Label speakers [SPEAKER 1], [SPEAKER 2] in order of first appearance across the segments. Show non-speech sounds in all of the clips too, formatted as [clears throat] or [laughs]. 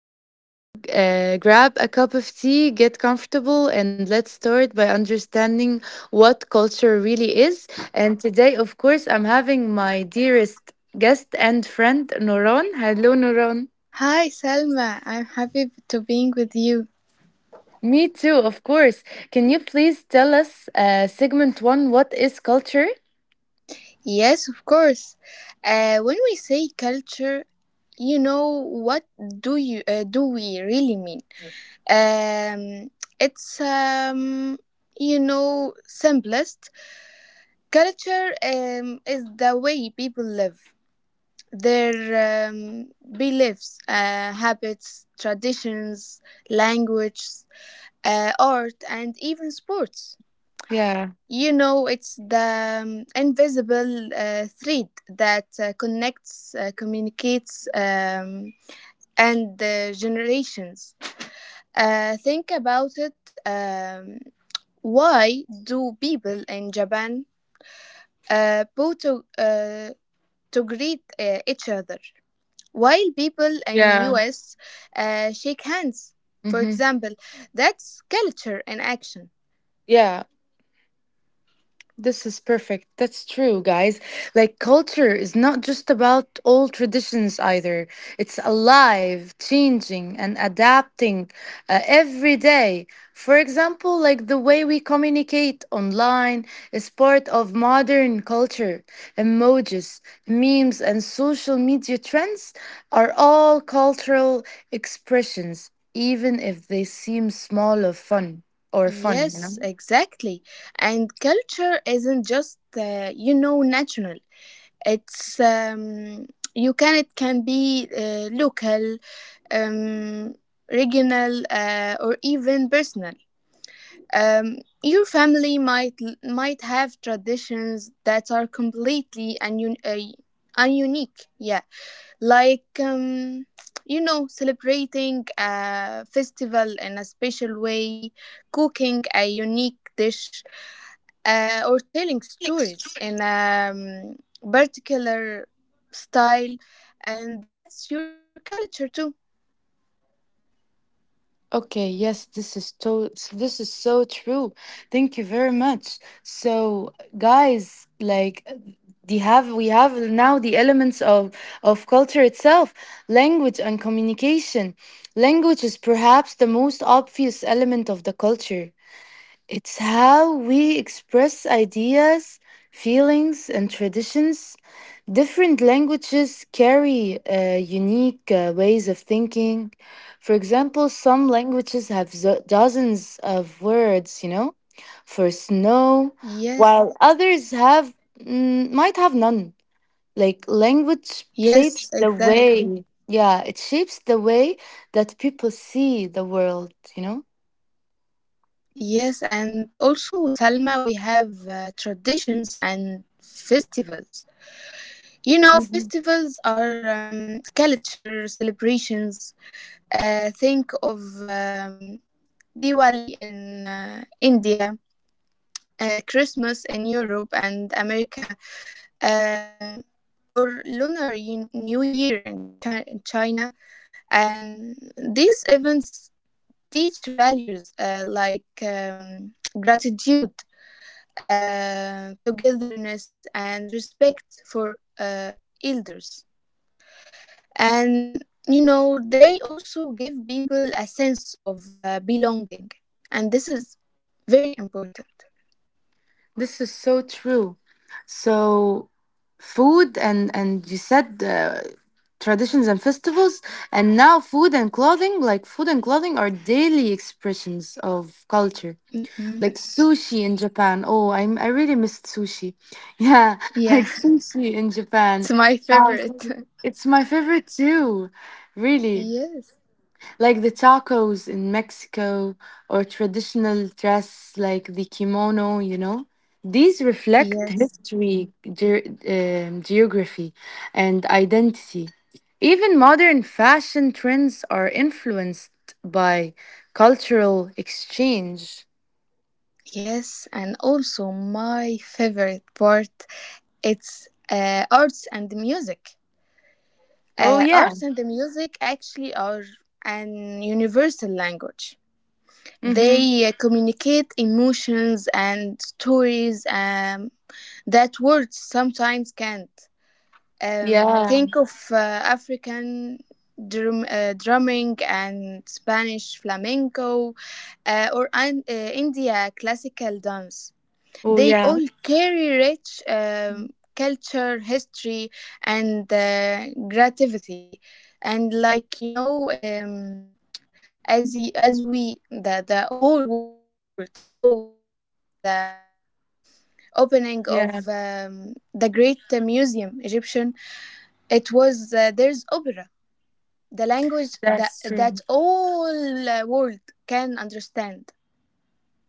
[SPEAKER 1] So grab a cup of tea, get comfortable, and let's start by understanding what culture really is. And today, of course, I'm having my dearest guest and friend, Noron. Hello, Noron.
[SPEAKER 2] Hi, Salma. I'm happy to being with you.
[SPEAKER 1] Me too, of course. Can you please tell us, segment one, what is culture?
[SPEAKER 2] Yes, of course. When we say culture, what do we really mean? Um, it's you know simplest. Culture is the way people live, their beliefs, habits, traditions, languages, art, and even sports.
[SPEAKER 1] Yeah.
[SPEAKER 2] You know, it's the invisible thread that connects, communicates, and generations. Think about it. Why do people in Japan uh, go to, uh, to greet each other, while people in
[SPEAKER 1] Yeah.
[SPEAKER 2] US shake hands? For
[SPEAKER 1] Mm-hmm.
[SPEAKER 2] example, that's culture in action.
[SPEAKER 1] Yeah. This is perfect. That's true, guys. Like, culture is not just about old traditions either. It's alive, changing, and adapting every day. For example, like the way we communicate online is part of modern culture. Emojis, memes, and social media trends are all cultural expressions, even if they seem small or fun, you know?
[SPEAKER 2] Yes, exactly. And culture isn't just national. It's um, it can be local, um, regional, or even personal. Um, your family might have traditions that are completely and unique. Yeah, like celebrating a festival in a special way, cooking a unique dish, or telling stories in a particular style, and that's your culture too.
[SPEAKER 1] Okay, yes, this is so true. Thank you very much. So, guys, like they have we have now the elements of culture itself, language and communication. Language is perhaps the most obvious element of the culture. It's how we express ideas, feelings, and traditions. Different languages carry unique ways of thinking. For example, some languages have dozens of words, you know, for snow,
[SPEAKER 2] Yes,
[SPEAKER 1] while others have might have none. Like language
[SPEAKER 2] yes,
[SPEAKER 1] shapes
[SPEAKER 2] exactly.
[SPEAKER 1] yeah, it shapes the way that people see the world, you know.
[SPEAKER 2] Yes, and also, Salma, we have traditions and festivals. You know, festivals are culture celebrations. Think of Diwali in India, Christmas in Europe and America, um, or Lunar New Year in, in China. And these events teach values like gratitude, togetherness, and respect for elders. And you know, they also give people a sense of belonging, and this is very important.
[SPEAKER 1] This is so true. So, food and you said traditions and festivals, and now food and clothing, like food and clothing, are daily expressions of culture.
[SPEAKER 2] Hmm.
[SPEAKER 1] Like sushi in Japan. Oh, I really missed sushi. [laughs] Yeah,
[SPEAKER 2] Yeah.
[SPEAKER 1] like sushi in Japan.
[SPEAKER 2] [laughs] It's my
[SPEAKER 1] Um,
[SPEAKER 2] favorite.
[SPEAKER 1] it's my favorite too,
[SPEAKER 2] [laughs]
[SPEAKER 1] really,
[SPEAKER 2] Yes.
[SPEAKER 1] like the tacos in Mexico or traditional dress like the kimono, you know. These reflect
[SPEAKER 2] Yes.
[SPEAKER 1] history, geography, and identity. Even modern fashion trends are influenced by cultural exchange.
[SPEAKER 2] Yes, and also, my favorite part, it's arts and music.
[SPEAKER 1] Oh,
[SPEAKER 2] uh,
[SPEAKER 1] yeah.
[SPEAKER 2] arts and the music actually are an universal language.
[SPEAKER 1] Mm-hmm.
[SPEAKER 2] They communicate emotions and stories that words sometimes can't. Um,
[SPEAKER 1] Yeah.
[SPEAKER 2] think of uh, African drumming and Spanish flamenco, or an, India classical dance.
[SPEAKER 1] Oh,
[SPEAKER 2] They
[SPEAKER 1] yeah.
[SPEAKER 2] all carry rich culture, history, and creativity. And as the, as we the whole world saw in the opening of
[SPEAKER 1] Yeah,
[SPEAKER 2] the great museum egyptian, it was, there's opera, the language that
[SPEAKER 1] that's true.
[SPEAKER 2] all world can understand.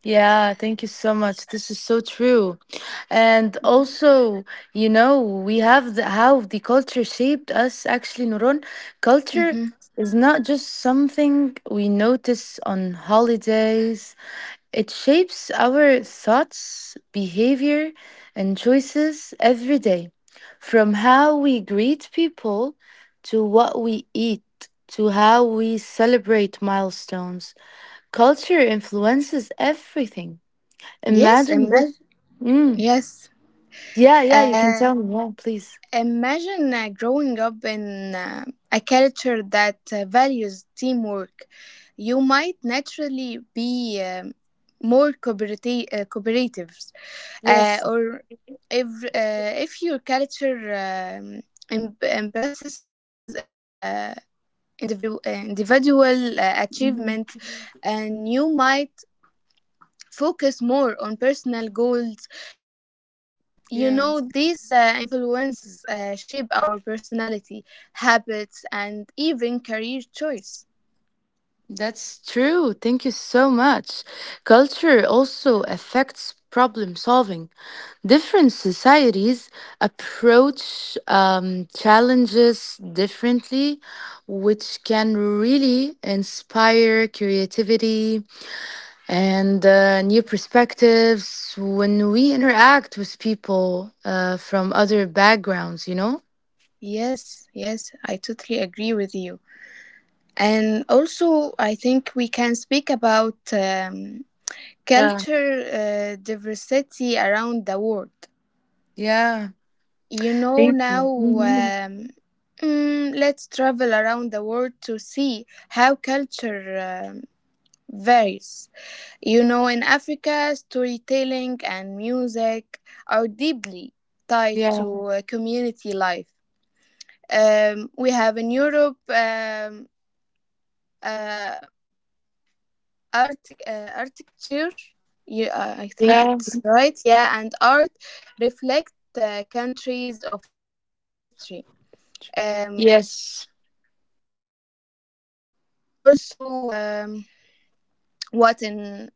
[SPEAKER 1] Yeah, thank you so much. This is so true. And also, you know, we have how the culture shaped us actually, Nurun. Culture
[SPEAKER 2] Hmm.
[SPEAKER 1] is not just something we notice on holidays, it shapes our thoughts, behavior, and choices every day. From how we greet people to what we eat to how we celebrate milestones, culture influences everything.
[SPEAKER 2] Yes,
[SPEAKER 1] Imagine just.
[SPEAKER 2] imagine.
[SPEAKER 1] Mm.
[SPEAKER 2] Yes.
[SPEAKER 1] Yeah, yeah, you can
[SPEAKER 2] uh,
[SPEAKER 1] tell me. Yeah, please.
[SPEAKER 2] Imagine uh, growing up in a culture that values teamwork. You might naturally be more cooperative,
[SPEAKER 1] Yes.
[SPEAKER 2] or if your culture emphasizes uh, individual
[SPEAKER 1] Mhm.
[SPEAKER 2] achievement, and you might focus more on personal goals. You know,
[SPEAKER 1] Yeah,
[SPEAKER 2] these influences shape our personality, habits, and even career choice.
[SPEAKER 1] that's true. Thank you so much. Culture also affects problem solving. Different societies approach challenges differently, which can really inspire creativity and new perspectives when we interact with people from other backgrounds, you know?
[SPEAKER 2] Yes, yes, I totally agree with you. And also, I think we can speak about
[SPEAKER 1] Yeah.
[SPEAKER 2] culture diversity around the world.
[SPEAKER 1] Yeah.
[SPEAKER 2] You know, now
[SPEAKER 1] Mhm.
[SPEAKER 2] um, mm, let's travel around the world to see how culture um, varies. You know, in Africa, storytelling and music are deeply tied
[SPEAKER 1] Yeah.
[SPEAKER 2] to community life. We have in Europe uh, art, architecture, I think
[SPEAKER 1] Yeah.
[SPEAKER 2] it's right, yeah, and art reflect countries of history. Um,
[SPEAKER 1] Yes.
[SPEAKER 2] also, what in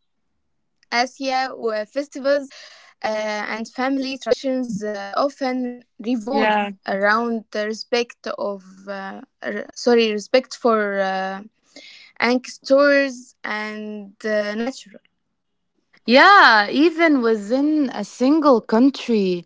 [SPEAKER 2] Asia where festivals and family traditions often revolve
[SPEAKER 1] Yeah.
[SPEAKER 2] around the respect of sorry, respect for ancestors and natural.
[SPEAKER 1] Yeah. Even within a single country,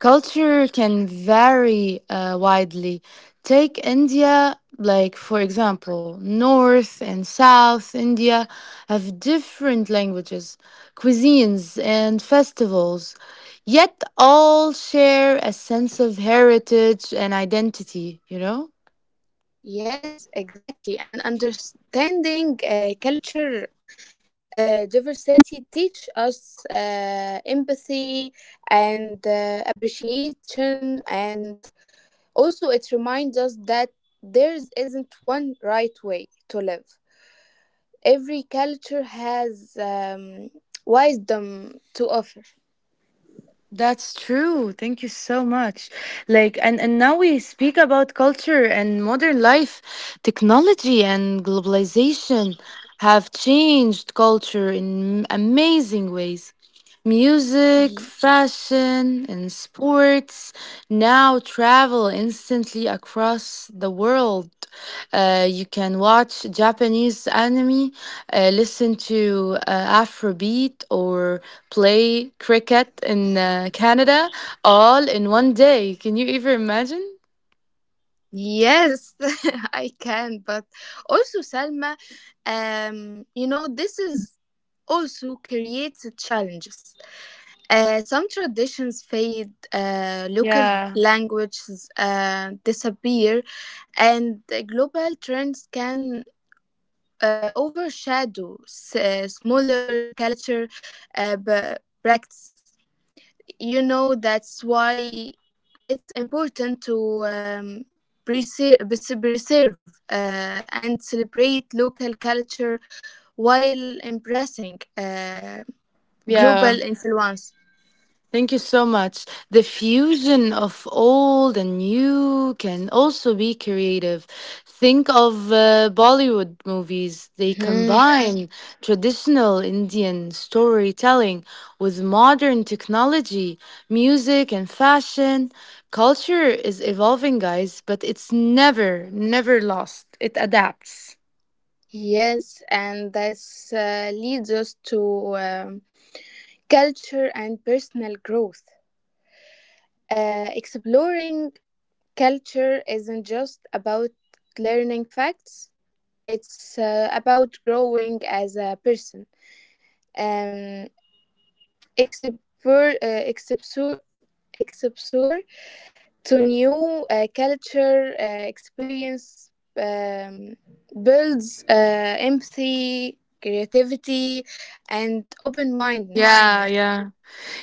[SPEAKER 1] culture can vary widely. Take India, like, for example, North and South India have different languages, cuisines, and festivals, yet all share a sense of heritage and identity, you know?
[SPEAKER 2] Yes, exactly, and understanding culture diversity teach us empathy and appreciation. And also, it reminds us that there isn't one right way to live. Every culture has wisdom to offer.
[SPEAKER 1] That's true. Thank you so much. And now we speak about culture and modern life. Technology and globalization have changed culture in amazing ways. Music,
[SPEAKER 2] Ye-
[SPEAKER 1] fashion, and sports now travel instantly across the world. You can watch Japanese anime, listen to Afrobeat, or play cricket in Canada all in 1 day. Can you even imagine?
[SPEAKER 2] Yes, [laughs] I can. But also, Salma, you know, this is also creates challenges. Some traditions fade, local
[SPEAKER 1] Yeah.
[SPEAKER 2] languages disappear, and the global trends can overshadow smaller culture practices. You know, that's why it's important to um, preser- preserve and celebrate local culture while embracing global
[SPEAKER 1] Yeah.
[SPEAKER 2] influence.
[SPEAKER 1] Thank you so much. The fusion of old and new can also be creative. Think of Bollywood movies. They
[SPEAKER 2] Mhm.
[SPEAKER 1] combine traditional Indian storytelling with modern technology, music, and fashion. Culture is evolving, guys, but it's never, never lost. It adapts.
[SPEAKER 2] Yes, and this leads us to um, culture and personal growth. Exploring. Culture isn't just about learning facts, it's about growing as a person. Um, explore, uh, explore, explore to new culture experience um, builds empathy, creativity, and open mindedness.
[SPEAKER 1] Yeah, yeah.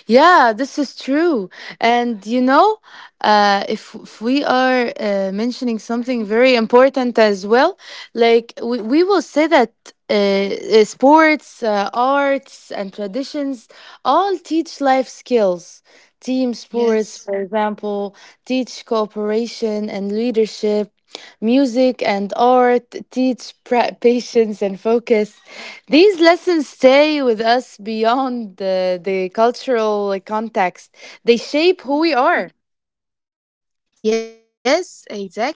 [SPEAKER 1] Yeah, this is true. And you know, if we are mentioning something very important as well, like we will say that sports, arts, and traditions all teach life skills. Team sports, for example,
[SPEAKER 2] Yes.
[SPEAKER 1] teach cooperation and leadership. Music and art teach [laughs] patience and focus. These lessons stay with us beyond the cultural, like, context. They shape who we are.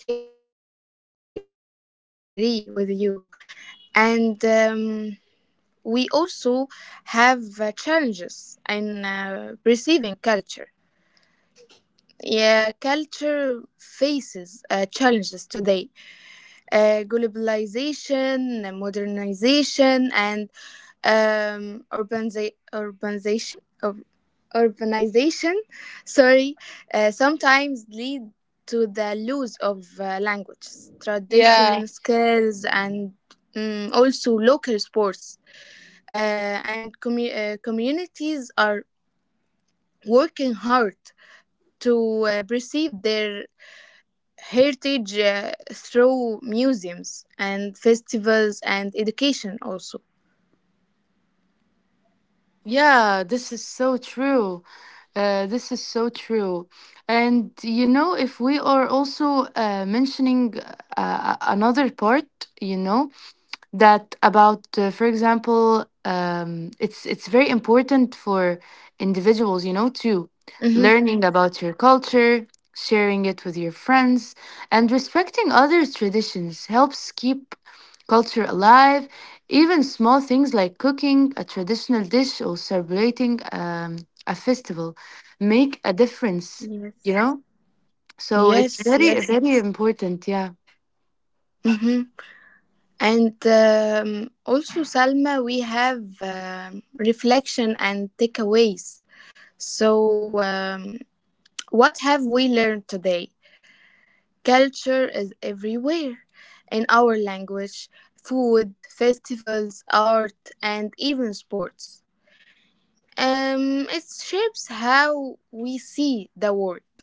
[SPEAKER 2] Yes, exactly, and total agree with you. And we also have challenges in perceiving culture. Yeah, culture faces challenges today. Globalization, modernization, and urbanization. ur- Urbanization, sorry, sometimes lead to the loss of languages,
[SPEAKER 1] Yeah.
[SPEAKER 2] tradition, skills, and also local sports and communities are working hard to preserve their heritage through museums and festivals and education also.
[SPEAKER 1] Yeah, this is so true. This is so true. And you know, if we are also mentioning another part, you know, that about for example, it's very important for individuals, you know, to
[SPEAKER 2] Hmm.
[SPEAKER 1] learning about your culture, sharing it with your friends, and respecting others traditions helps keep culture alive. Even small things like cooking a traditional dish or celebrating a festival make a difference,
[SPEAKER 2] Yes.
[SPEAKER 1] you know, so it's
[SPEAKER 2] Yes, yes.
[SPEAKER 1] very, very important. Yeah,
[SPEAKER 2] Hmm. And also, Salma, we have um reflection and takeaways. So, um, what have we learned today? Culture is everywhere, in our language, food, festivals, art, and even sports. It shapes how we see the world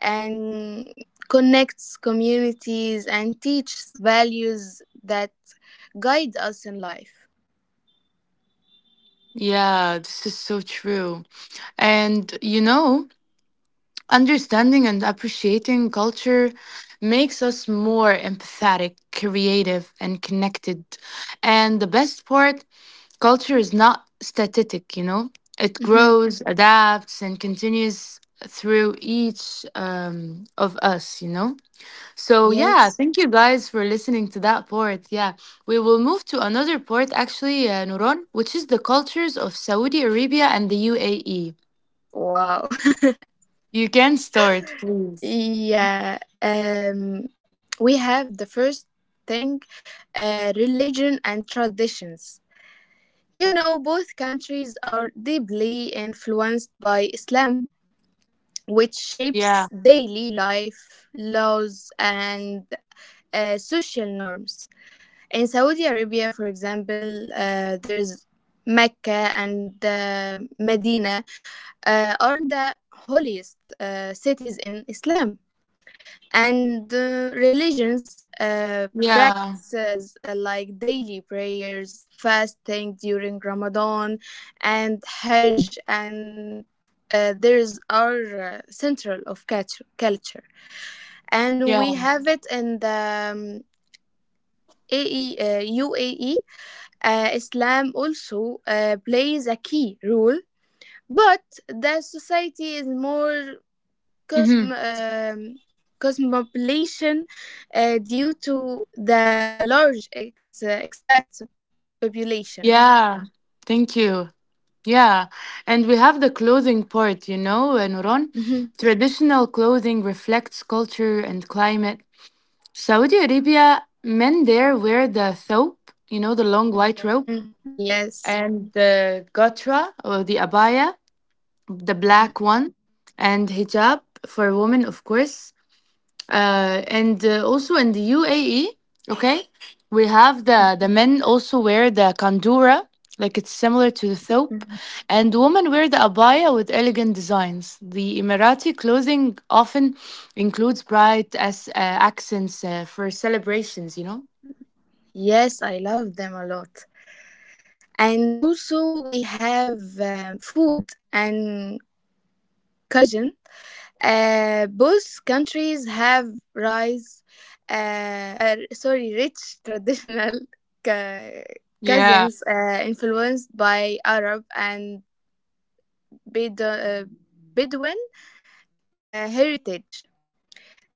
[SPEAKER 2] and connects communities and teaches values that guide us in life.
[SPEAKER 1] yeah, this is so true. And you know, understanding and appreciating culture makes us more empathetic, creative, and connected. And the best part, culture is not static, you know, it
[SPEAKER 2] Hmm.
[SPEAKER 1] grows, adapts, and continues through each of us, you know. So, yeah,
[SPEAKER 2] Yes.
[SPEAKER 1] thank you guys for listening to that part. Yeah, we will move to another part actually, Nuron, which is the cultures of Saudi Arabia and the UAE.
[SPEAKER 2] Wow.
[SPEAKER 1] You can start,
[SPEAKER 2] [laughs]
[SPEAKER 1] please.
[SPEAKER 2] Yeah. We have the first thing, religion and traditions. You know, both countries are deeply influenced by Islam, which
[SPEAKER 1] Yeah.
[SPEAKER 2] shapes daily life, laws, and social norms. In Saudi Arabia, for example, there's Mecca and Medina are the holiest cities in Islam, and the religions
[SPEAKER 1] Yeah.
[SPEAKER 2] practices like daily prayers, fasting during ramadan and hajj, and theirs are central of culture, culture. And we
[SPEAKER 1] Yeah.
[SPEAKER 2] have it in the AE, uae, Islam also plays a key role, but the society is more
[SPEAKER 1] Hmm.
[SPEAKER 2] cosm- um, cosmopulation due to the large expat population.
[SPEAKER 1] Yeah. Thank you. Yeah. And we have the clothing part, you know, Nuron.
[SPEAKER 2] Hmm.
[SPEAKER 1] Traditional clothing reflects culture and climate. Saudi Arabia, men there wear the thobe, you know, the long white robe,
[SPEAKER 2] Hmm. Yes.
[SPEAKER 1] and the gotra or the abaya, the
[SPEAKER 2] Hmm.
[SPEAKER 1] black one, and hijab for women, of course. And also in the UAE, okay, we have the
[SPEAKER 2] Hmm.
[SPEAKER 1] the men also wear the kandura, like it's similar to the thobe,
[SPEAKER 2] Hmm.
[SPEAKER 1] and women wear the abaya with elegant designs. The Emirati clothing often includes bright as accents for celebrations. You know.
[SPEAKER 2] Yes, I love them a lot. And also, we have food and cuisine. Both countries have rice, sorry, rich traditional [laughs] cu-
[SPEAKER 1] Yeah.
[SPEAKER 2] cousins influenced by Arab and Bedo- uh, Bedouin heritage.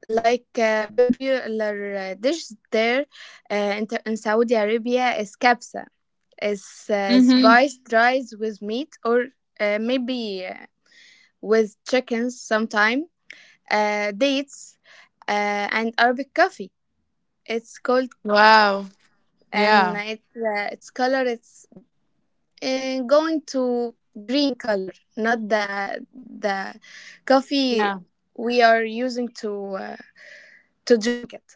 [SPEAKER 2] Like popular dish there, in Saudi Arabia is kabsa. It's
[SPEAKER 1] Mm-hmm.
[SPEAKER 2] spiced rice with meat or maybe with chickens sometime, dates, and Arabic coffee. It's called kahwa,
[SPEAKER 1] Wow.
[SPEAKER 2] and
[SPEAKER 1] Yeah.
[SPEAKER 2] it, its color it's going to green color, not the the coffee
[SPEAKER 1] Yeah.
[SPEAKER 2] we are using uh, to drink it.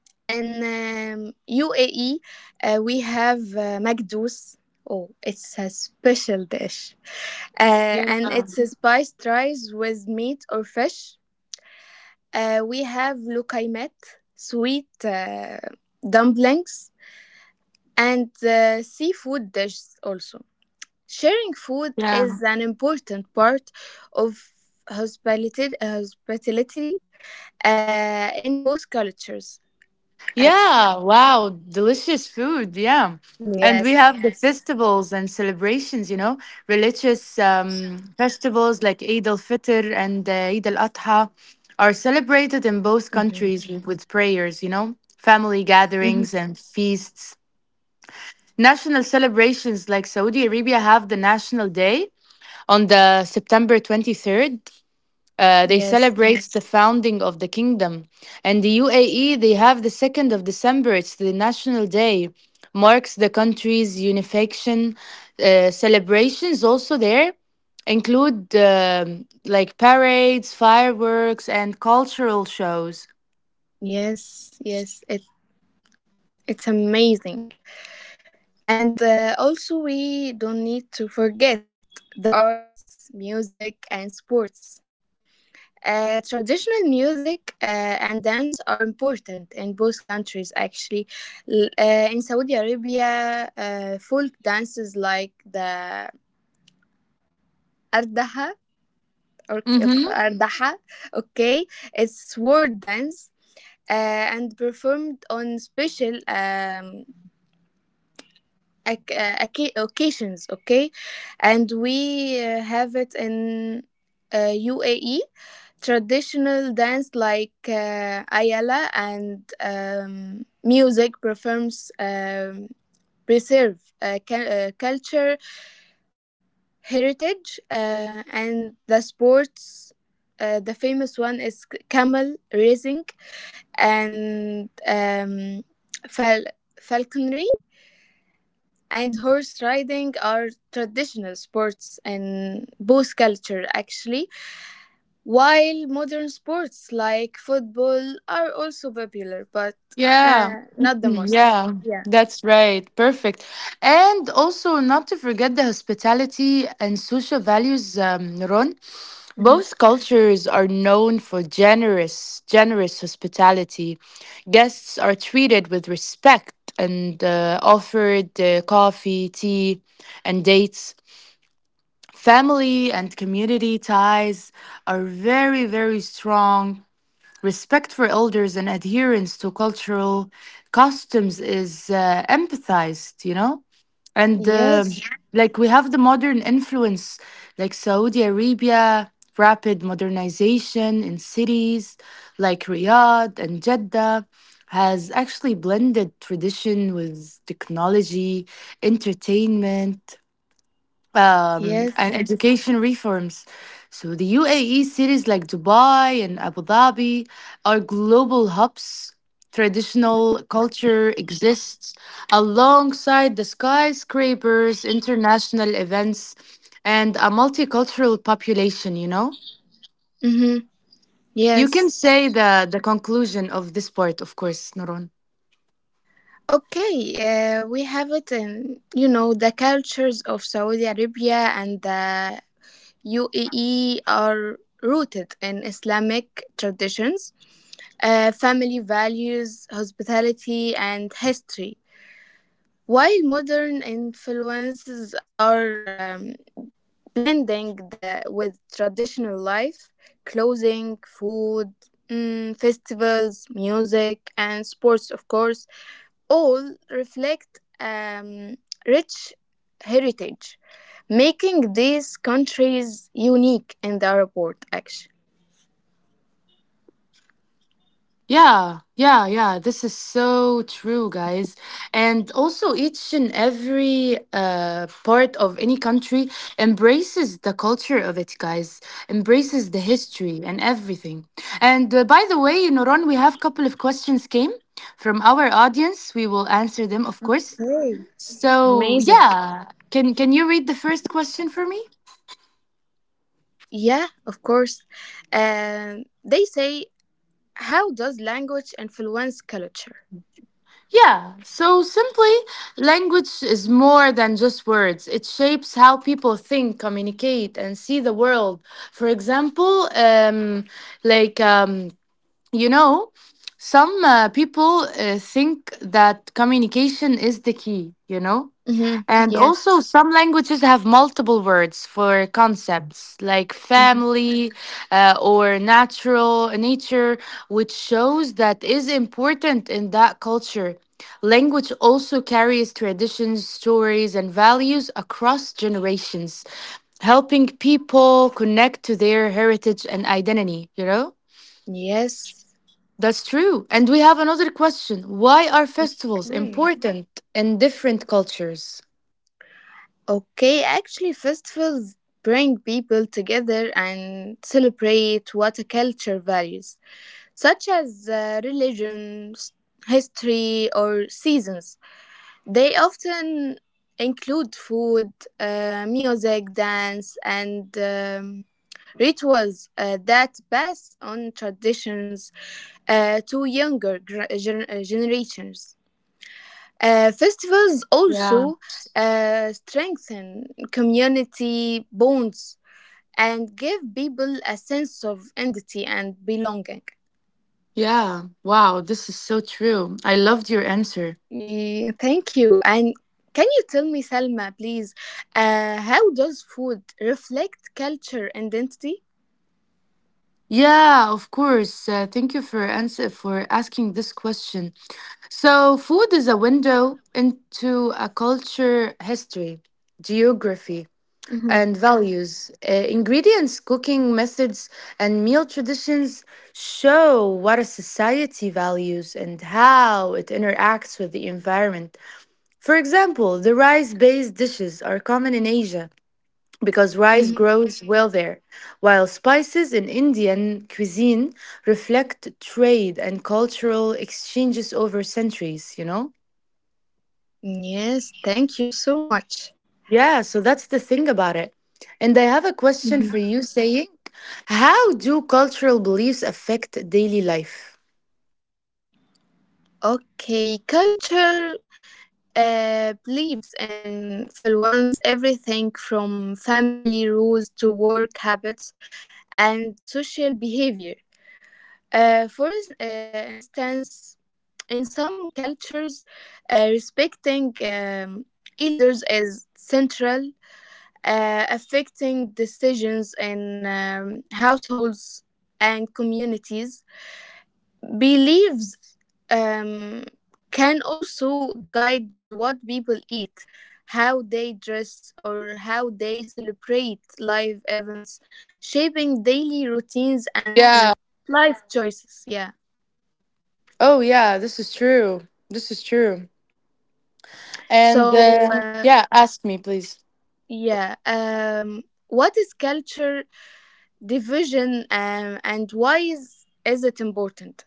[SPEAKER 2] In UAE, we have Magdous. Oh, it's a special dish,
[SPEAKER 1] Yeah.
[SPEAKER 2] and it's a spiced rice with meat or fish. We have lokaimet, sweet dumplings, and seafood dishes also. Sharing food
[SPEAKER 1] Yeah.
[SPEAKER 2] is an important part of hospitality in both cultures,
[SPEAKER 1] Yeah,
[SPEAKER 2] actually.
[SPEAKER 1] wow, delicious food. Yeah. And we have
[SPEAKER 2] Yes.
[SPEAKER 1] the. Yes. Festivals and celebrations, you know, religious festivals like Eid al Fitr and Eid al Adha are
[SPEAKER 2] Hmm.
[SPEAKER 1] celebrated in both countries with prayers, you know, family
[SPEAKER 2] Hmm.
[SPEAKER 1] gatherings, and feasts. National celebrations, like Saudi Arabia have the National Day on the September 23rd, they
[SPEAKER 2] Yes.
[SPEAKER 1] celebrate the founding of the kingdom. And the UAE, they have the 2nd of December, it's the national day, marks the country's unification. Celebrations also there include, like, parades, fireworks, and cultural shows.
[SPEAKER 2] Yes. Yes. It, it's amazing. And also, we don't need to forget the arts, music, and sports. Traditional music and dance are important in both countries actually. In saudi arabia, folk dances like the ardaha or
[SPEAKER 1] Mm-hmm.
[SPEAKER 2] ardaha, okay, it's sword dance, uh, and performed on special occasions, okay. And we have it in uh, uae. Traditional dance like Ayala and music performs preserve culture, heritage, and the sports. The famous one is camel racing and fal- falconry and horse riding are traditional sports in both culture actually. While modern sports like football are also popular, but
[SPEAKER 1] Yeah. [clears throat]
[SPEAKER 2] not the most.
[SPEAKER 1] Yeah, that's right. Perfect. And also, not to forget the hospitality and social values, Ron. Both cultures are known for generous hospitality. Guests are treated with respect and offered coffee, tea, and dates. Family and community ties are very, very strong. Respect for elders and adherence to cultural customs is empathized, you know? And
[SPEAKER 2] Yes,
[SPEAKER 1] like, we have the modern influence, like Saudi Arabia rapid modernization in cities like Riyadh and Jeddah has actually blended tradition with technology, entertainment,
[SPEAKER 2] yes,
[SPEAKER 1] and education reforms. So the UAE cities like Dubai and Abu Dhabi are global hubs. Traditional culture exists alongside the skyscrapers, international events, and a multicultural population, you know?
[SPEAKER 2] mm-hmm.
[SPEAKER 1] You
[SPEAKER 2] Yes.
[SPEAKER 1] can say the conclusion of this part, of course, Noron.
[SPEAKER 2] Okay, we have it in, you know, the cultures of Saudi Arabia and the UAE are rooted in Islamic traditions, family values, hospitality, and history. While modern influences are blending the with traditional life, clothing, food, festivals, music, and sports, of course, all reflect rich heritage, making these countries unique in the report. Actually,
[SPEAKER 1] Yeah, yeah, yeah. This is so true, guys. And also, each and every part of any country embraces the culture of it, guys. Embraces the history and everything. And by the way, in we have a couple of questions came from our audience. We will answer them, of course.
[SPEAKER 2] amazing.
[SPEAKER 1] So yeah, can you read the first question for me?
[SPEAKER 2] Yeah, of course. They say, how does language influence culture?
[SPEAKER 1] Yeah, so simply, language is more than just words. It shapes how people think, communicate, and see the world. For example, like, um, you know, some people think that communication is the key, you know?
[SPEAKER 2] Mm-hmm.
[SPEAKER 1] And
[SPEAKER 2] Yes.
[SPEAKER 1] also, some languages have multiple words for concepts like
[SPEAKER 2] Hmm.
[SPEAKER 1] family or natural nature, which shows that is important in that culture. Language also carries traditions, stories, and values across generations, helping people connect to their heritage and identity, you know?
[SPEAKER 2] Yes.
[SPEAKER 1] That's true. And we have another question. Why are festivals
[SPEAKER 2] Okay.
[SPEAKER 1] important in different cultures?
[SPEAKER 2] Okay, actually, festivals bring people together and celebrate what a culture values, such as religion, history, or seasons. They often include food, music, dance, and rituals that pass on traditions to younger generations. Festivals
[SPEAKER 1] Yeah.
[SPEAKER 2] also strengthen community bonds and give people a sense of identity and belonging.
[SPEAKER 1] Yeah, wow, this is so true. I loved your answer.
[SPEAKER 2] Yeah, thank you. And can you tell me, Salma, please, how does food reflect culture and identity?
[SPEAKER 1] Yeah, of course. Thank you for asking this question. So, food is a window into a culture, history, geography,
[SPEAKER 2] Mm-hmm.
[SPEAKER 1] and values. Ingredients, cooking methods, and meal traditions show what a society values and how it interacts with the environment. For example, the rice-based dishes are common in Asia because rice
[SPEAKER 2] Mm-hmm.
[SPEAKER 1] grows well there, while spices in Indian cuisine reflect trade and cultural exchanges over centuries, you know?
[SPEAKER 2] Yes, thank you so much.
[SPEAKER 1] Yeah, so that's the thing about it. And I have a question for
[SPEAKER 2] Mhm.
[SPEAKER 1] you, saying, how do cultural beliefs affect daily life?
[SPEAKER 2] Okay, culture believes influence everything from family rules to work habits and social behavior. For instance, in some cultures, respecting elders is central, affecting decisions in households and communities. Beliefs um, can also guide what people eat, how they dress, or how they celebrate life events, shaping daily routines and
[SPEAKER 1] Yeah.
[SPEAKER 2] life choices. Yeah.
[SPEAKER 1] Oh, yeah, this is true. This is true. And
[SPEAKER 2] So,
[SPEAKER 1] yeah, ask me, please.
[SPEAKER 2] yeah. What is culture division and why is it important?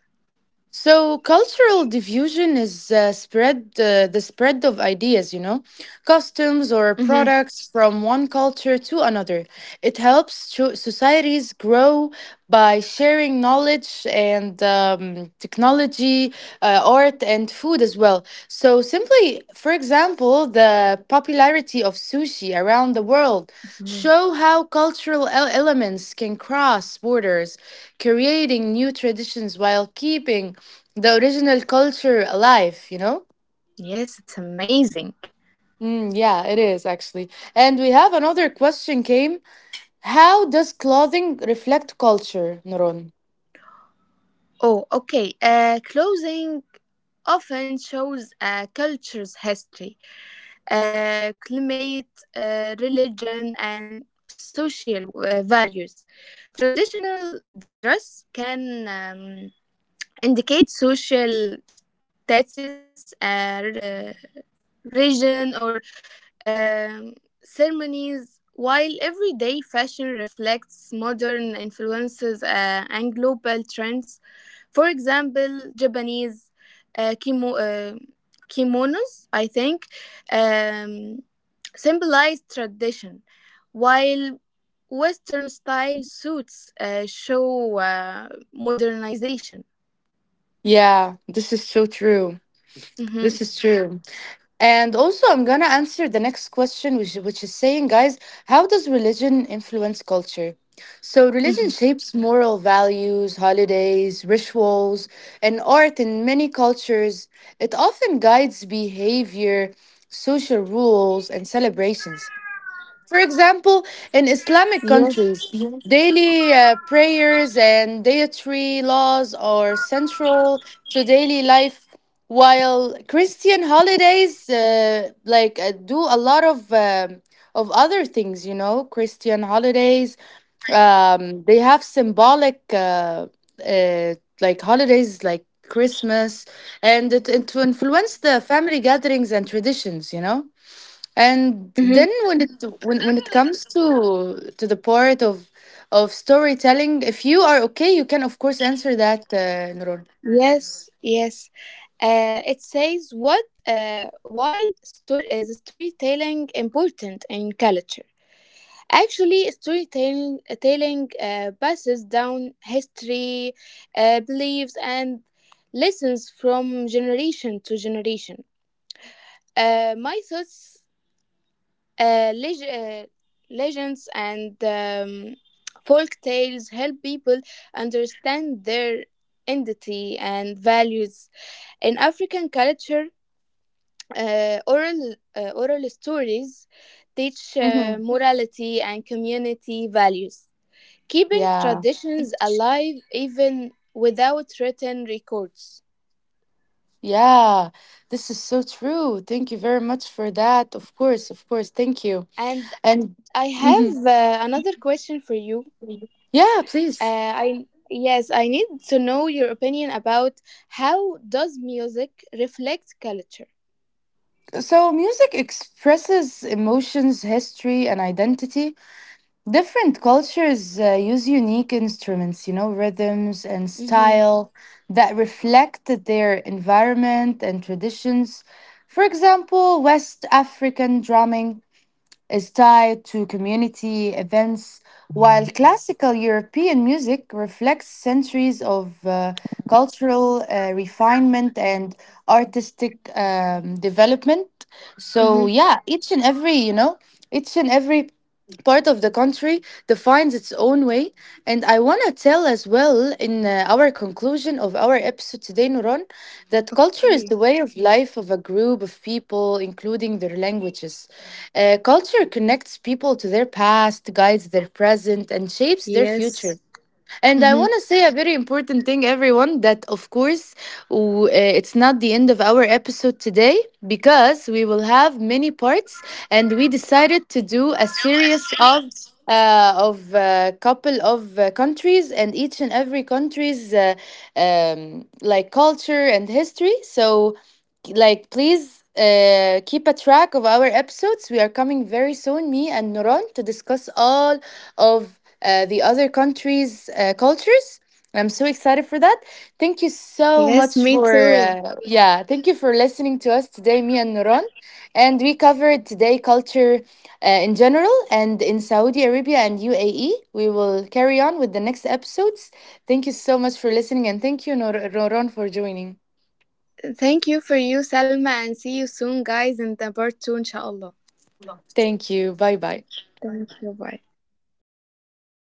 [SPEAKER 1] So cultural diffusion is spread the spread of ideas, you know, customs, or
[SPEAKER 2] Hmm.
[SPEAKER 1] products from one culture to another. It helps to societies grow by sharing knowledge and technology, art, and food as well. So simply, for example, the popularity of sushi around the world show how cultural elements can cross borders, creating new traditions while keeping the original culture alive, you know?
[SPEAKER 2] Yes, it's amazing.
[SPEAKER 1] Mm, yeah, it is actually. And we have another question came. How does clothing reflect culture, Noron?
[SPEAKER 2] Oh, okay. Clothing often shows a culture's history, climate, religion, and social values. Traditional dress can um, indicate social status, region, or um, ceremonies, while everyday fashion reflects modern influences and global trends. For example, Japanese uh, kimo, uh, kimonos, I think, um, symbolize tradition, while Western style suits show modernization.
[SPEAKER 1] Yeah, this is so true. This
[SPEAKER 2] Hmm.
[SPEAKER 1] is true. And also, I'm gonna answer the next question, which is saying, guys, how does religion influence culture? So, religion
[SPEAKER 2] Hmm.
[SPEAKER 1] shapes moral values, holidays, rituals, and art in many cultures. It often guides behavior, social rules, and celebrations. For example,
[SPEAKER 2] Yes.
[SPEAKER 1] in Islamic countries, daily prayers and dietary laws are central to daily life, while Christian holidays do a lot um of other things. You know, Christian holidays, um, they have symbolic uh, like, holidays like Christmas, and to influence the family gatherings and traditions. You know. And
[SPEAKER 2] Hmm.
[SPEAKER 1] then when it comes to the part of storytelling, if you are okay, you can of course answer that, Nurul.
[SPEAKER 2] Yes. Yes. It says what? Why storytelling important in culture? Actually, storytelling telling, passes down history, beliefs, and lessons from generation to generation. My thoughts, uh, leg- uh, legends, and folk tales help people understand their identity and values. In African culture, oral stories teach
[SPEAKER 1] Mm-hmm.
[SPEAKER 2] morality and community values, keeping
[SPEAKER 1] Yeah,
[SPEAKER 2] traditions alive even without written records.
[SPEAKER 1] yeah. This is so true. Thank you very much for that. Of course, of course. Thank you. And
[SPEAKER 2] And I
[SPEAKER 1] hmm,
[SPEAKER 2] have another question for you.
[SPEAKER 1] yeah, please.
[SPEAKER 2] I yes, I need to know your opinion about how does music reflect culture.
[SPEAKER 1] So music expresses emotions, history, and identity. Different cultures use unique instruments, you know, rhythms, and style
[SPEAKER 2] Mm-hmm.
[SPEAKER 1] that reflect their environment and traditions. For example, West African drumming is tied to community events, while classical European music reflects centuries of cultural refinement and artistic development. So, yeah,
[SPEAKER 2] Mm-hmm.
[SPEAKER 1] each and every, you know, each and every part of the country defines its own way. And I want to tell as well in our conclusion of our episode today, Nuran, that culture is the way
[SPEAKER 2] Okay.
[SPEAKER 1] of life of a group of people, including their languages. Culture connects people to their past, guides their present, and shapes their future.
[SPEAKER 2] Yes.
[SPEAKER 1] And I want to say
[SPEAKER 2] Mm-hmm.
[SPEAKER 1] a very important thing, everyone, that of course, it's not the end of our episode today because we will have many parts and we decided to do a series of. Of a couple of countries and each and every country's like, culture and history. So like, please keep a track of our episodes. We are coming very soon, me and Noron, to discuss all of the other countries cultures. I'm so excited for that. Thank you so
[SPEAKER 2] Yes,
[SPEAKER 1] much
[SPEAKER 2] me
[SPEAKER 1] for
[SPEAKER 2] too.
[SPEAKER 1] yeah, thank you for listening to us today, me and Noron, and we covered today culture in general and in Saudi Arabia and UAE. We will carry on with the next episodes. Thank you so much for listening and thank you, Noron, for joining.
[SPEAKER 2] Thank you for you, Salma, and see you soon, guys, in the part two, inshallah.
[SPEAKER 1] Thank you. Bye bye
[SPEAKER 2] Thank you. Bye.
[SPEAKER 1] He